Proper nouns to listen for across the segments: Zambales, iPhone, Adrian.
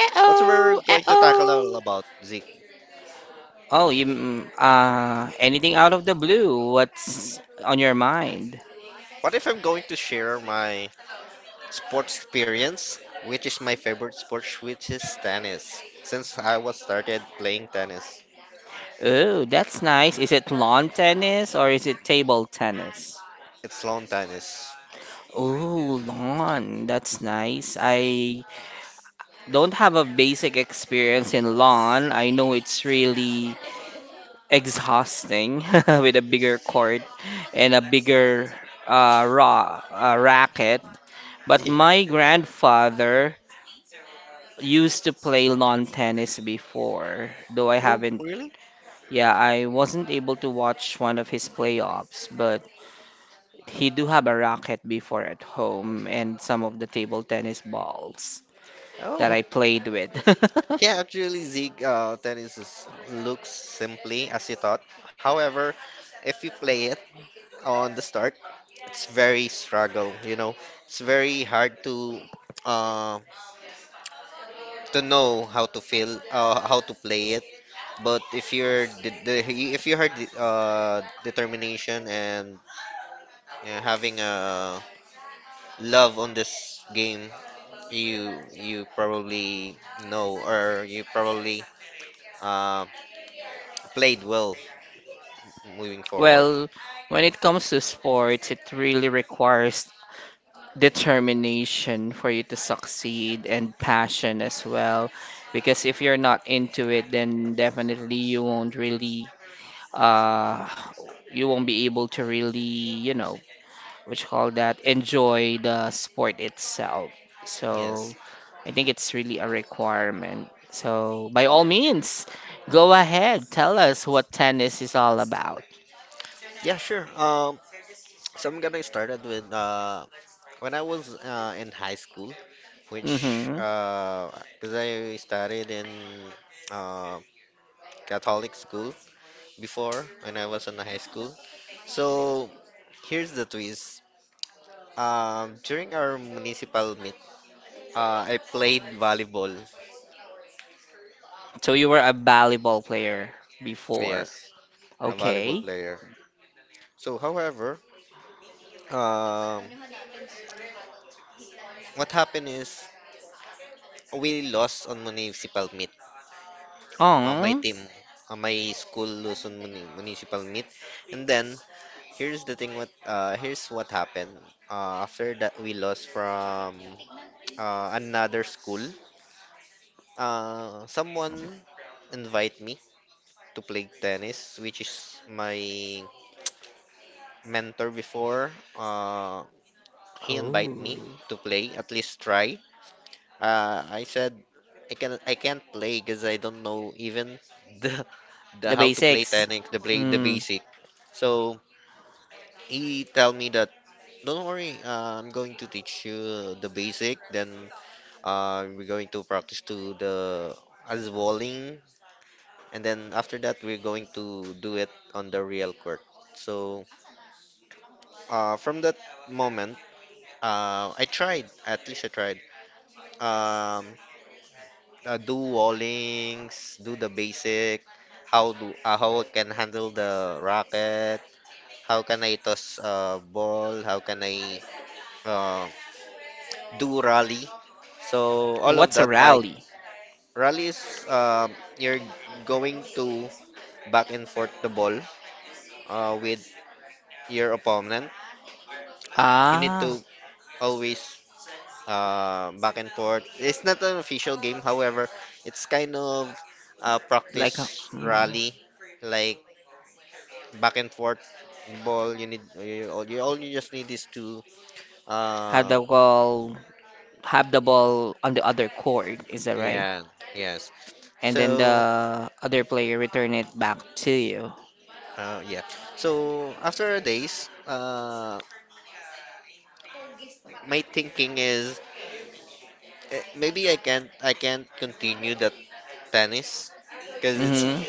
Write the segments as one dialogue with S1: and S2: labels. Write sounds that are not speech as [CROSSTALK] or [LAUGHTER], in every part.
S1: Uh-oh, uh-oh. Anything out of the blue? What's on your mind? Oh, that's nice. Is it lawn tennis or is it table tennis? Oh, lawn. That's nice. I don't have a basic experience in lawn. I know it's really exhausting [LAUGHS] with a bigger court and a bigger ra racket. But my grandfather used to play lawn tennis before, though I haven't. Yeah, I wasn't able to watch one of his playoffs, but he do have a racket before at home and some of the table tennis balls that I played with. [LAUGHS] Well, when it comes to sports, it really requires determination for you to succeed and passion as well. Because if you're not into it, then definitely you won't really uh, you won't be able to really, you know, what you call that, enjoy the sport itself. So I think it's really a requirement. So by all means, go ahead, tell us what tennis is all about. Mm-hmm. So you were a volleyball player before. Okay. Oh. Oh. The basics. Mm. What's a rally? Ah, like a, how do you call have the ball on the other court, is that right? And then the other player return it back to you. Mm-hmm.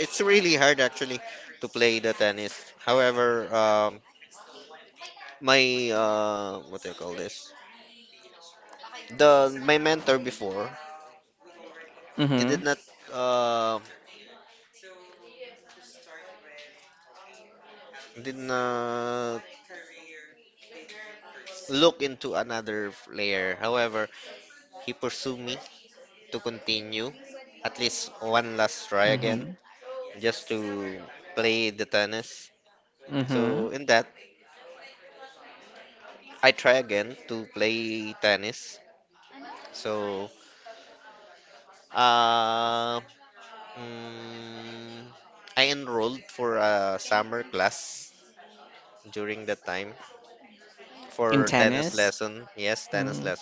S1: Mm-hmm. Mm-hmm. Mm-hmm. In tennis? Mm.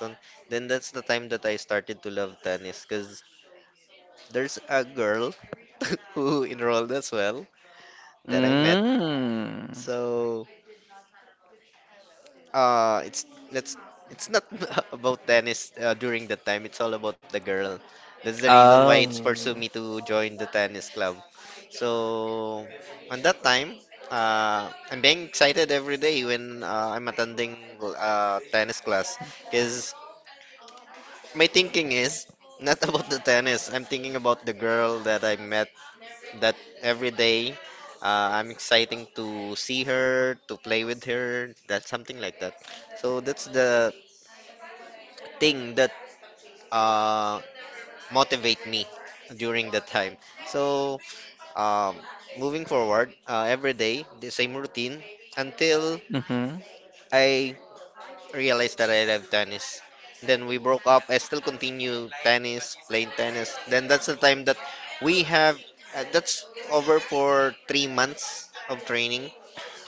S1: Mm. Oh. Mm-hmm.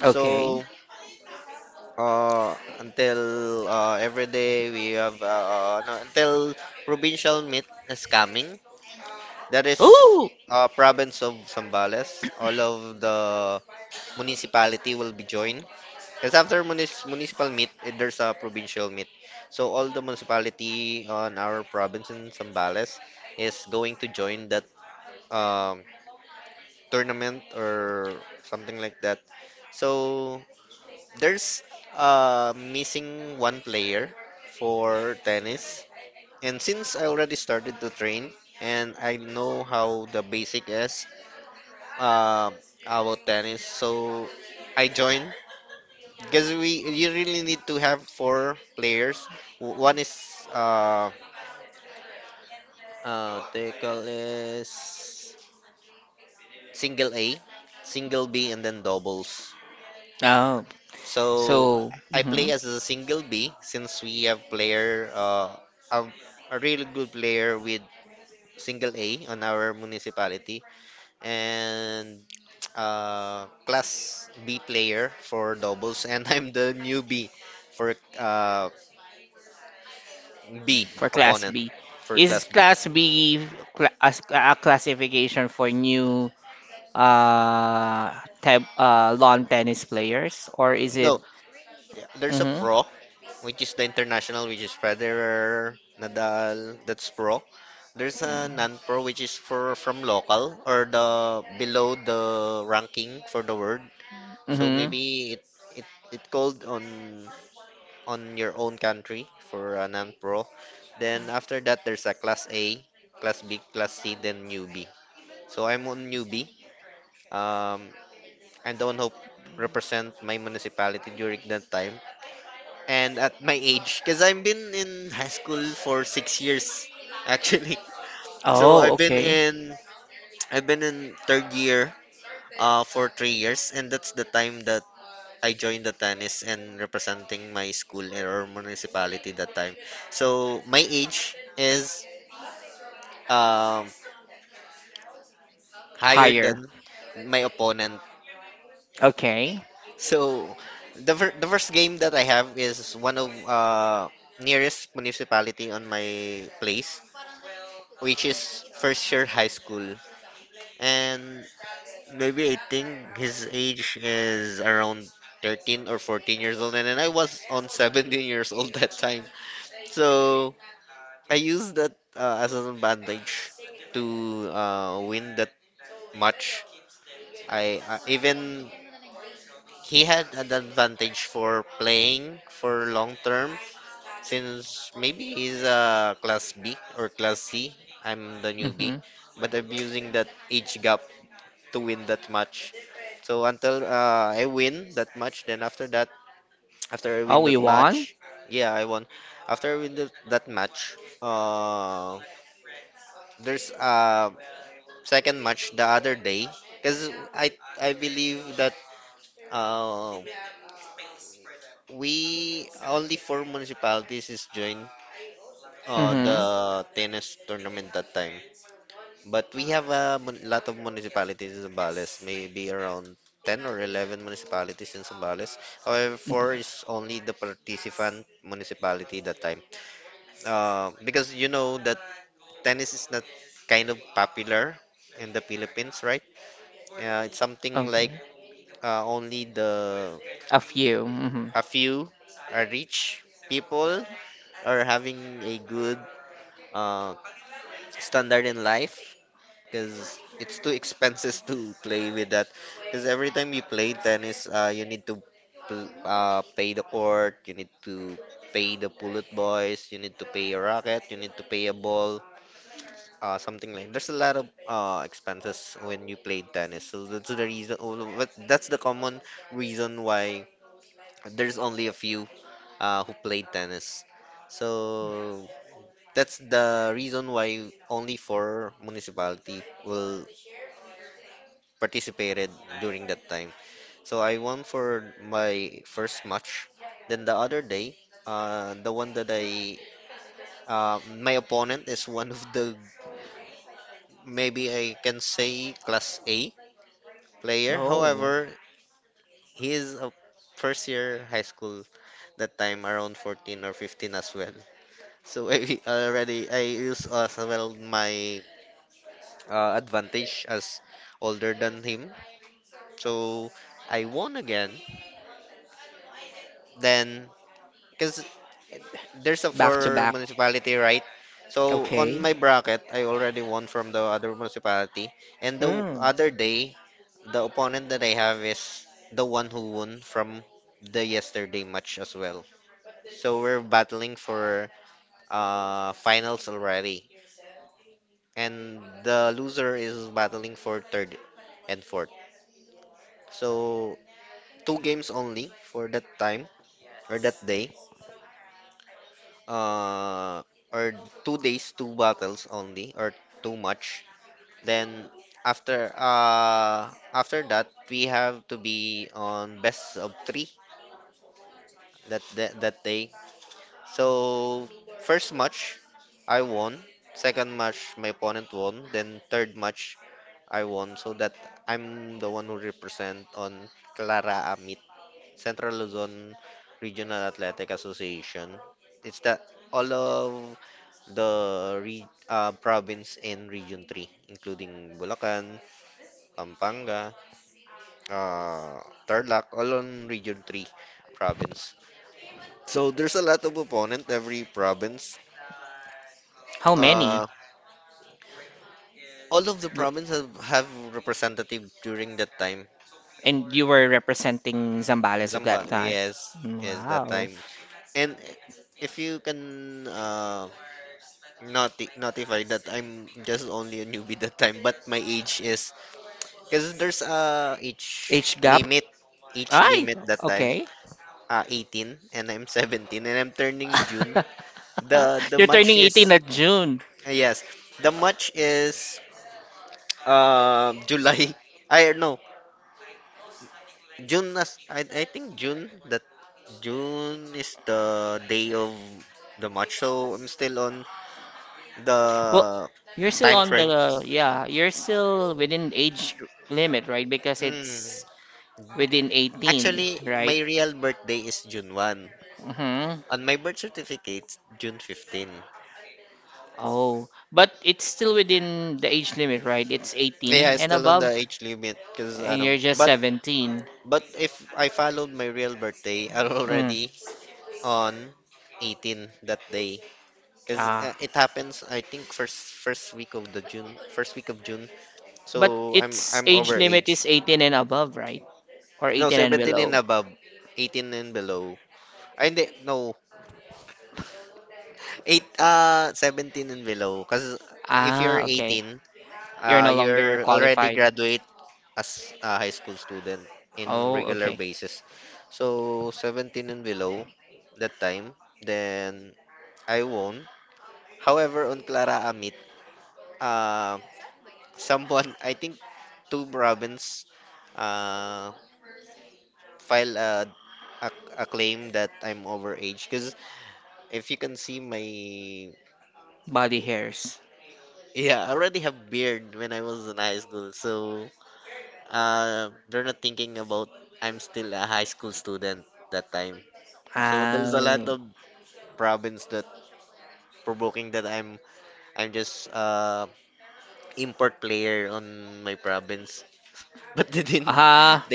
S1: Okay. Ooh. Oh. So, mm-hmm. For class B. Is class B as a classification for new uh, lawn tennis players, or is it? Mm-hmm. Mm-hmm. Oh, okay. Higher. Okay. Mm-hmm. Oh, we won? Mm-hmm. Okay. A few. Mm-hmm. Oh. Back to back. Okay. Mm. How many? R- And you were representing Zambales at that time. Wow. Age gap? Ay! Okay. [LAUGHS] You're turning 18 at June. Well, you're still on the you're still within age limit, right? Because it's within 18, right? Mm-hmm. Oh, but it's still within the age limit, right? It's 18 and above, and you're just 17. Mm. Ah, but its age limit is 18 and above, right? Or 18 and below. Ah, okay. You're no longer qualified. Oh, okay. Body hairs. Ah, ah,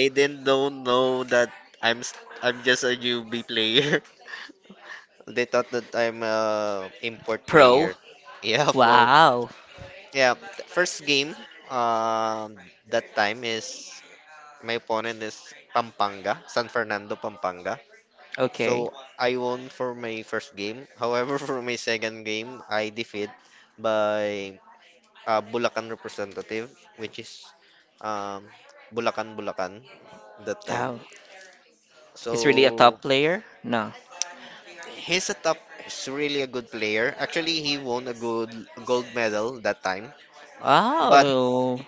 S1: pro. Wow. Okay. Oh, he's really a top player? No. Oh,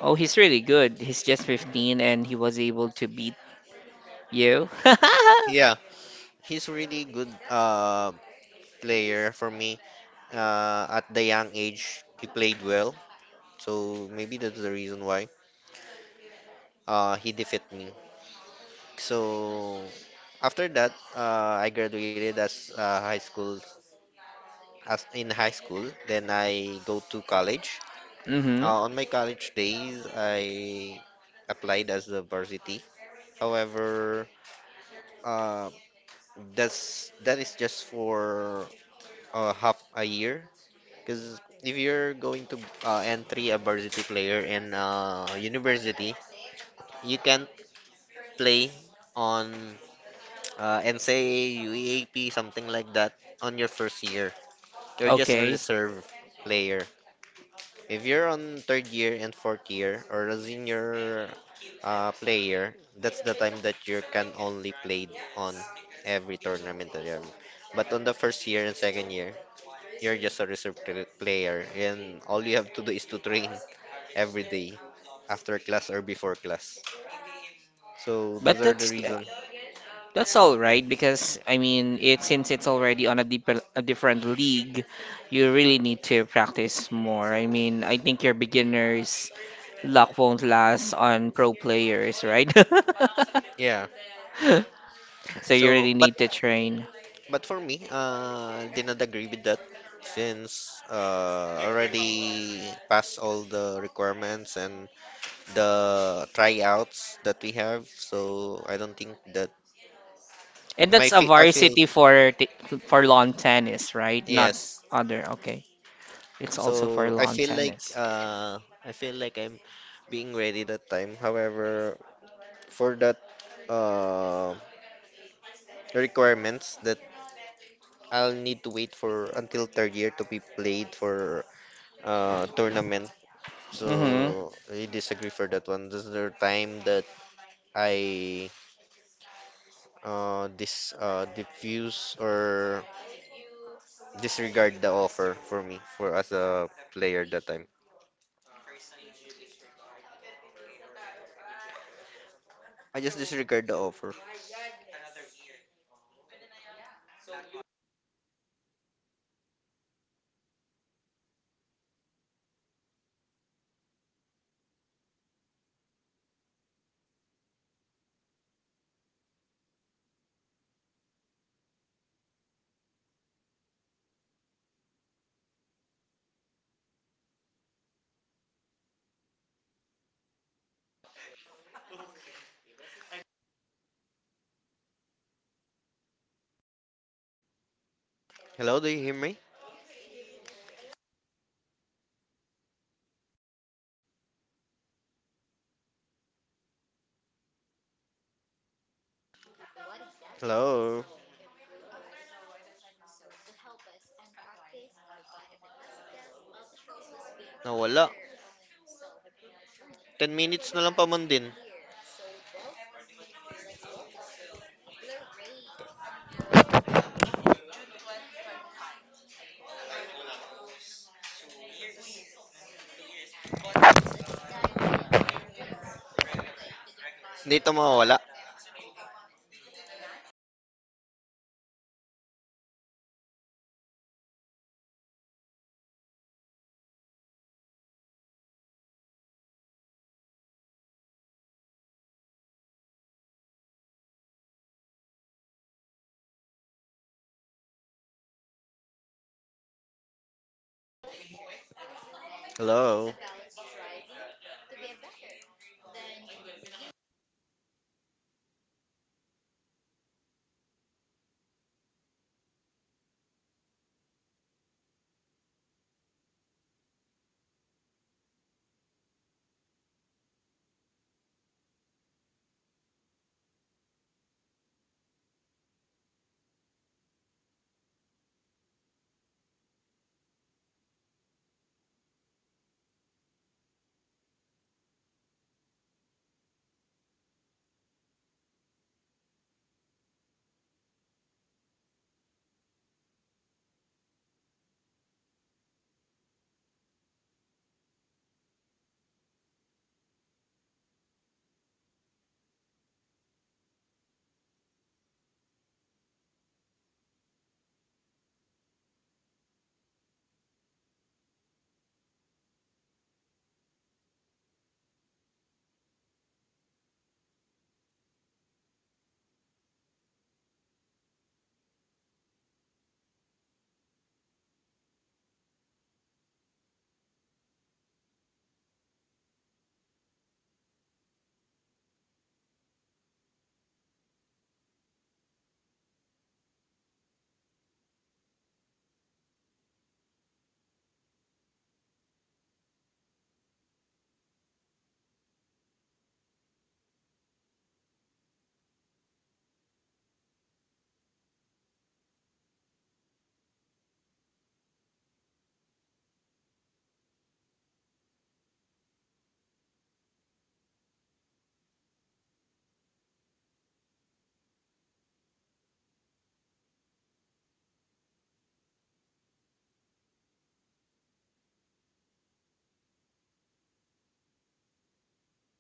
S1: oh, he's really good. He's just 15 and he was able to beat you. [LAUGHS] Mm-hmm. Okay. But that's all right because I mean, it since it's already on a deeper a different league, you really need to practice more. I mean, I think your beginners luck won't last on pro players, right? [LAUGHS] So you really need to train. And that's a varsity for for lawn tennis, right? Not other. Okay. It's also for lawn tennis. Mm-hmm. Did you disregard the offer, or did you quit or something like that? Oh. So you weren't really able to play a game during your college days. Hello? Can you hear me? Hello. Oh, no, I'm still here. I'm still here. Oh, wait. Give us a second. There's just a We just need to troubleshoot something. Hello, mic test one, mic test two. Can you hear me, Jello? Hello, hello, hello, hello. Can you hear us? No, we can still make it work. Give us a second. All right, so well, it's all about table tennis and everything. Is, where I think it's
S2: Hello.
S1: very good to have a you know a good sport to play, especially during college and high school. And Jello here was telling us about all of the good stories that we can do. So, well, I for one have not tried lawn tennis actually, but if we're given the chance, I would love to because, like what I said before, my grandfather also used to play lawn tennis. I always see his racket whenever I visit him in his quarters or in his room. So it makes me curious on what type of game that is, because before when we were on high school, we only played badminton. And you know, badminton is uh, the ra- also has a racket, but it's like smaller and not wider than the lawn tennis one. Plus, our court is also just small. Though I really love playing badminton, that was my main sport back then. I would also appreciate if lawn tennis was also introduced to me at some point of my life. So it's nice that to hear from someone with you know with this background, and it's kind of making me want to study. Uh, you know, lawn tennis more and maybe try it out also. Though I'm not sure how much will you need to prepare for you to, you know, [LAUGHS] to play that kind of sports. And since we're already, you know, beyond 30s,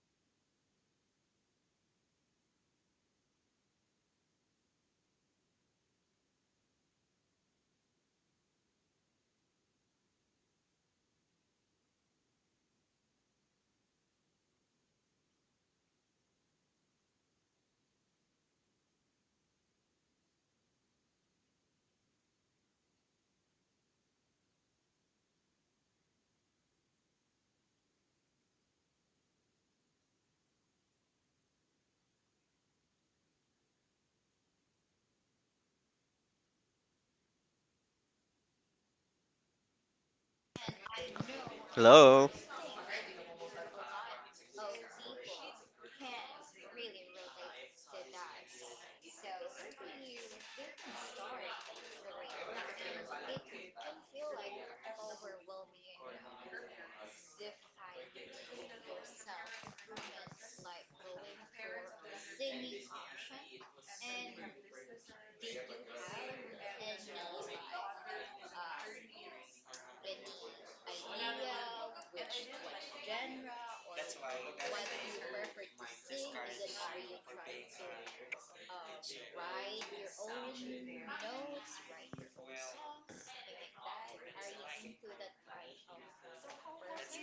S1: might have been our endurance might not be that great. [LAUGHS] And we might not keep up with the, you know, with the with how it is played, because looking at some table or looking at some lawn tennis players, they usually go around and about the court to chase the ball. And just looking at it, it's making me tired already. [LAUGHS] Well, hopefully I can get used to it. Who
S2: Hello.
S1: knows? Maybe, right? It's a good sport. It's a good game. Uh, I saw this video once that's uh, wherein Olympic players for lawn tennis were given mics. [LAUGHS] And believe me, it was super
S2: And
S1: duper
S2: did
S1: hilarious
S2: you have a
S1: because,
S2: nose
S1: you know, there,
S2: with
S1: I
S2: the idea,
S1: mean, I bel after hearing or after
S2: which
S1: watching that video,
S2: what
S1: I come to
S2: genre,
S1: realize that
S2: or That's
S1: should
S2: what
S1: not give
S2: you prefer to sing?
S1: microphones
S2: Is
S1: to
S2: it are
S1: lawn
S2: you trying
S1: tennis
S2: to
S1: players [LAUGHS] because
S2: write
S1: it
S2: your own
S1: sounded
S2: notes,
S1: really,
S2: write your own
S1: really
S2: Well, songs, something like
S1: awkward
S2: that?
S1: and
S2: Are
S1: at the
S2: you
S1: same
S2: into
S1: time
S2: that
S1: funny
S2: kind
S1: [LAUGHS] because
S2: of
S1: we
S2: person?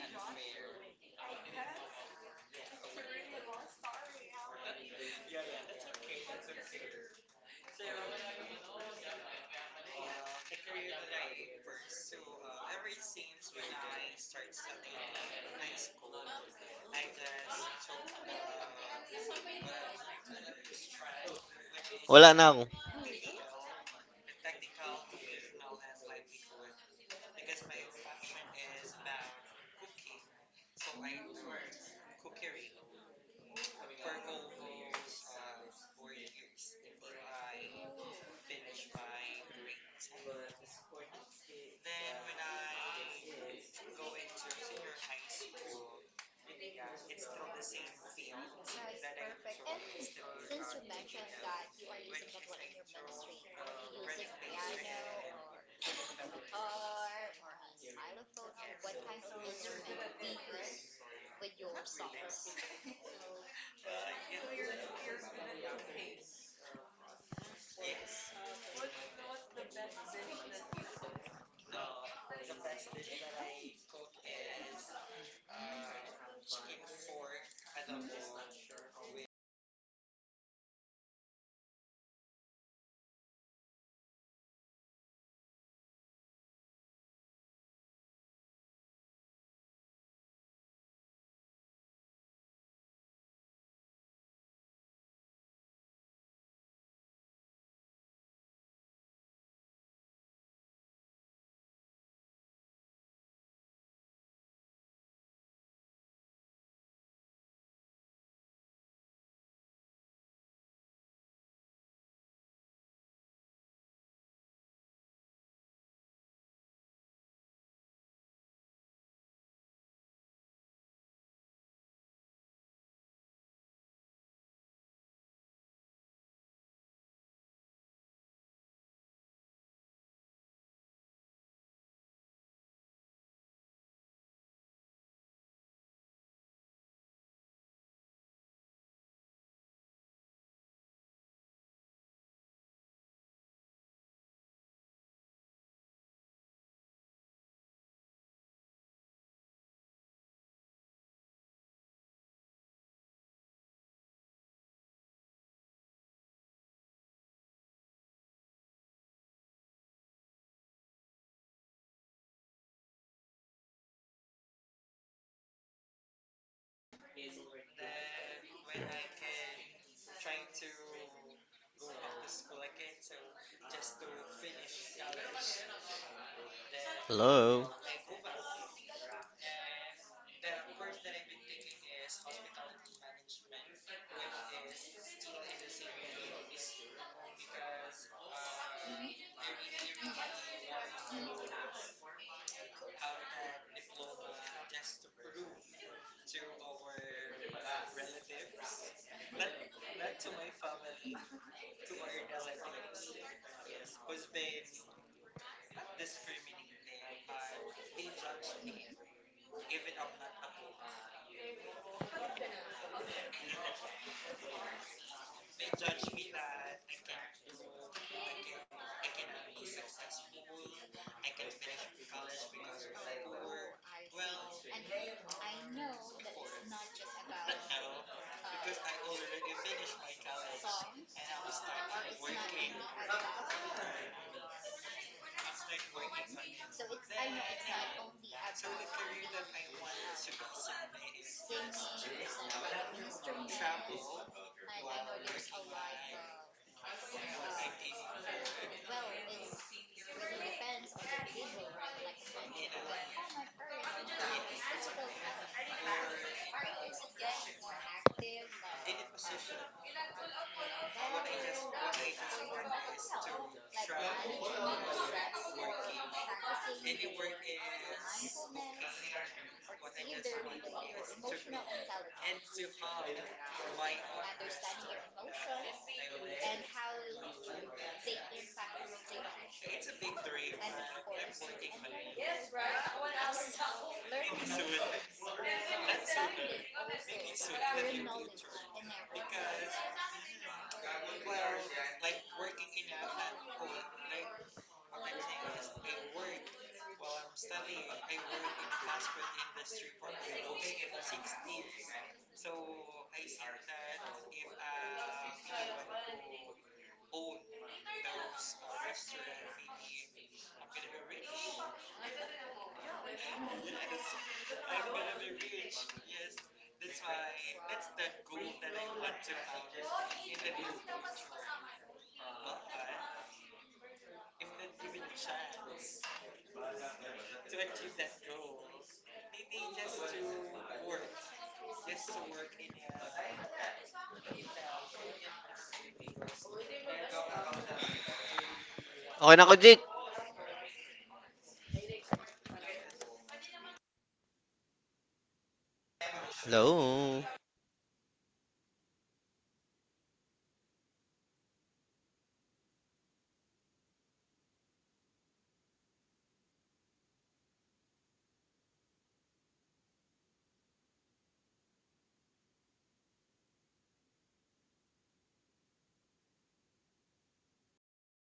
S2: I
S1: quell, right, or
S2: have
S1: yell whenever we, or I mean, they
S2: yeah,
S1: usually
S2: yeah, that's
S1: yell
S2: okay,
S1: whenever
S2: that's
S1: they
S2: okay.
S1: serve
S2: So,
S1: or try to hit the ball.
S2: the
S1: And
S2: career that
S1: whenever
S2: I
S1: they're
S2: pursue,
S1: serving, we
S2: ever
S1: can
S2: since when
S1: hear
S2: I
S1: their
S2: started studying in high school, I
S1: lunges like, oh,
S2: just took
S1: [LAUGHS]
S2: the,
S1: [LAUGHS]
S2: what I was trying,
S1: So
S2: which is
S1: it's
S2: Wala na
S1: really,
S2: ako. It,
S1: really
S2: well,
S1: funny
S2: the
S1: to
S2: technical
S1: hear
S2: professional and
S1: those,
S2: livelihood
S1: you know,
S2: because my
S1: those,
S2: passion is about
S1: what you
S2: cooking.
S1: call that,
S2: So I
S1: those
S2: learned
S1: words
S2: cookery.
S1: [LAUGHS]
S2: Purple
S1: coming out from the
S2: goals
S1: player. It sounded a
S2: four
S1: bit
S2: years before
S1: different,
S2: I
S1: awkward.
S2: finished my grades.
S1: [LAUGHS] But the sport it, it
S2: Then when
S1: that it
S2: I go
S1: is, you
S2: into
S1: know,
S2: senior high
S1: I think it's really
S2: school,
S1: good. I think most of
S2: it's
S1: the
S2: still the same
S1: audience that we
S2: field.
S1: have
S2: Nice,
S1: here
S2: that I perfect. And
S1: might
S2: enjoy. It's
S1: also
S2: still since you
S1: be
S2: mentioned
S1: interested
S2: that
S1: in
S2: you are when using
S1: playing
S2: it the comes in your ministry,
S1: uh,
S2: are you
S1: lawn
S2: using piano
S1: tennis when given the chance
S2: or
S1: after, you know,
S2: guitar or a
S1: hearing
S2: xylophone or what kind of instrument do you
S1: hearing
S2: use
S1: the story of
S2: with your
S1: Jello
S2: really.
S1: here.
S2: Songs?
S1: So
S2: So uh,
S1: who knows? Maybe after this podcast, right?
S2: yes.
S1: I might
S2: The best
S1: I might
S2: dish
S1: consider playing the game
S2: that I cook
S1: and
S2: is uh,
S1: try to have fun
S2: chicken
S1: with it.
S2: fork
S1: I'm just not sure how much it will cost, right? To what you call that, to prepare for the specific for the specific sport. I know how much does the racket usually cost for the table tennis. Let's try to check it. How about you guys? Do you know how much it usually costs? Maybe any, you know, any uh, assumptions or any tabulation, or sorry, not tabulation, but any um, estimations on how much a lawn tennis racket costs, right? Let me check. How does a lawn tennis cost? Oh, so in the Philippine peso, it usually costs 850 or more, while the balls usually cost 190. Oh, okay. But I think when you buy their balls or the lawn tennis balls, is usually it usually is already good. It already has three pieces on it, right? So that's a saver, not unless you're gonna broke it. While the tennis racket, I believe, can have or can is durable, so it might last. It might last for a while before you try to replace it, not unless you're the type of person who usually replaces rockets every now and then. [LAUGHS] So probably it depends on how you maintain your equipments, right? So just make sure that whenever you're using it, you check and see if there's any scratches or whatnot, or maybe you need to not put too much exertion on swinging your arm, so at least you won't damage the racket or some sort. And usually the grip, maybe the grip needs something, because I know in badminton usually what we what you call that what we dis what we accessorize on the racket is it's a grip. We usually place like what you call that lo- a cloth like uh strap on the grip. So at least that way it your racket won't slip in your hands, because sometimes of course since you're walking around, running around, trying to catch the ball, your hands tends to be sweaty at times, and considering those also who has sweaty hands, so that might need more that might need to you know grip the might need help in gripping the racket. So that's a must probably for those. So what other accessories do you normally put on your table or on your lawn tennis rackets? Maybe you can share us below on the comment section, or maybe can you send us a brand that we can use to buy those equipments, right? Who knows, anything goes, right? Anyways, wow, look at the time, it seems like we're already done with the episode. So anyway, let's go ahead and talk for another or wait for the next episode for, you know, just probably a talks of life. Right. So this time we were talking about sports. On the next episode, maybe we're gonna talk about different stops. Who knows, right? So I hope you guys stay with us and watch out for our next episode. So again, this is your one of your hosts, Zeke, and you have a great, wonderful day. Bye.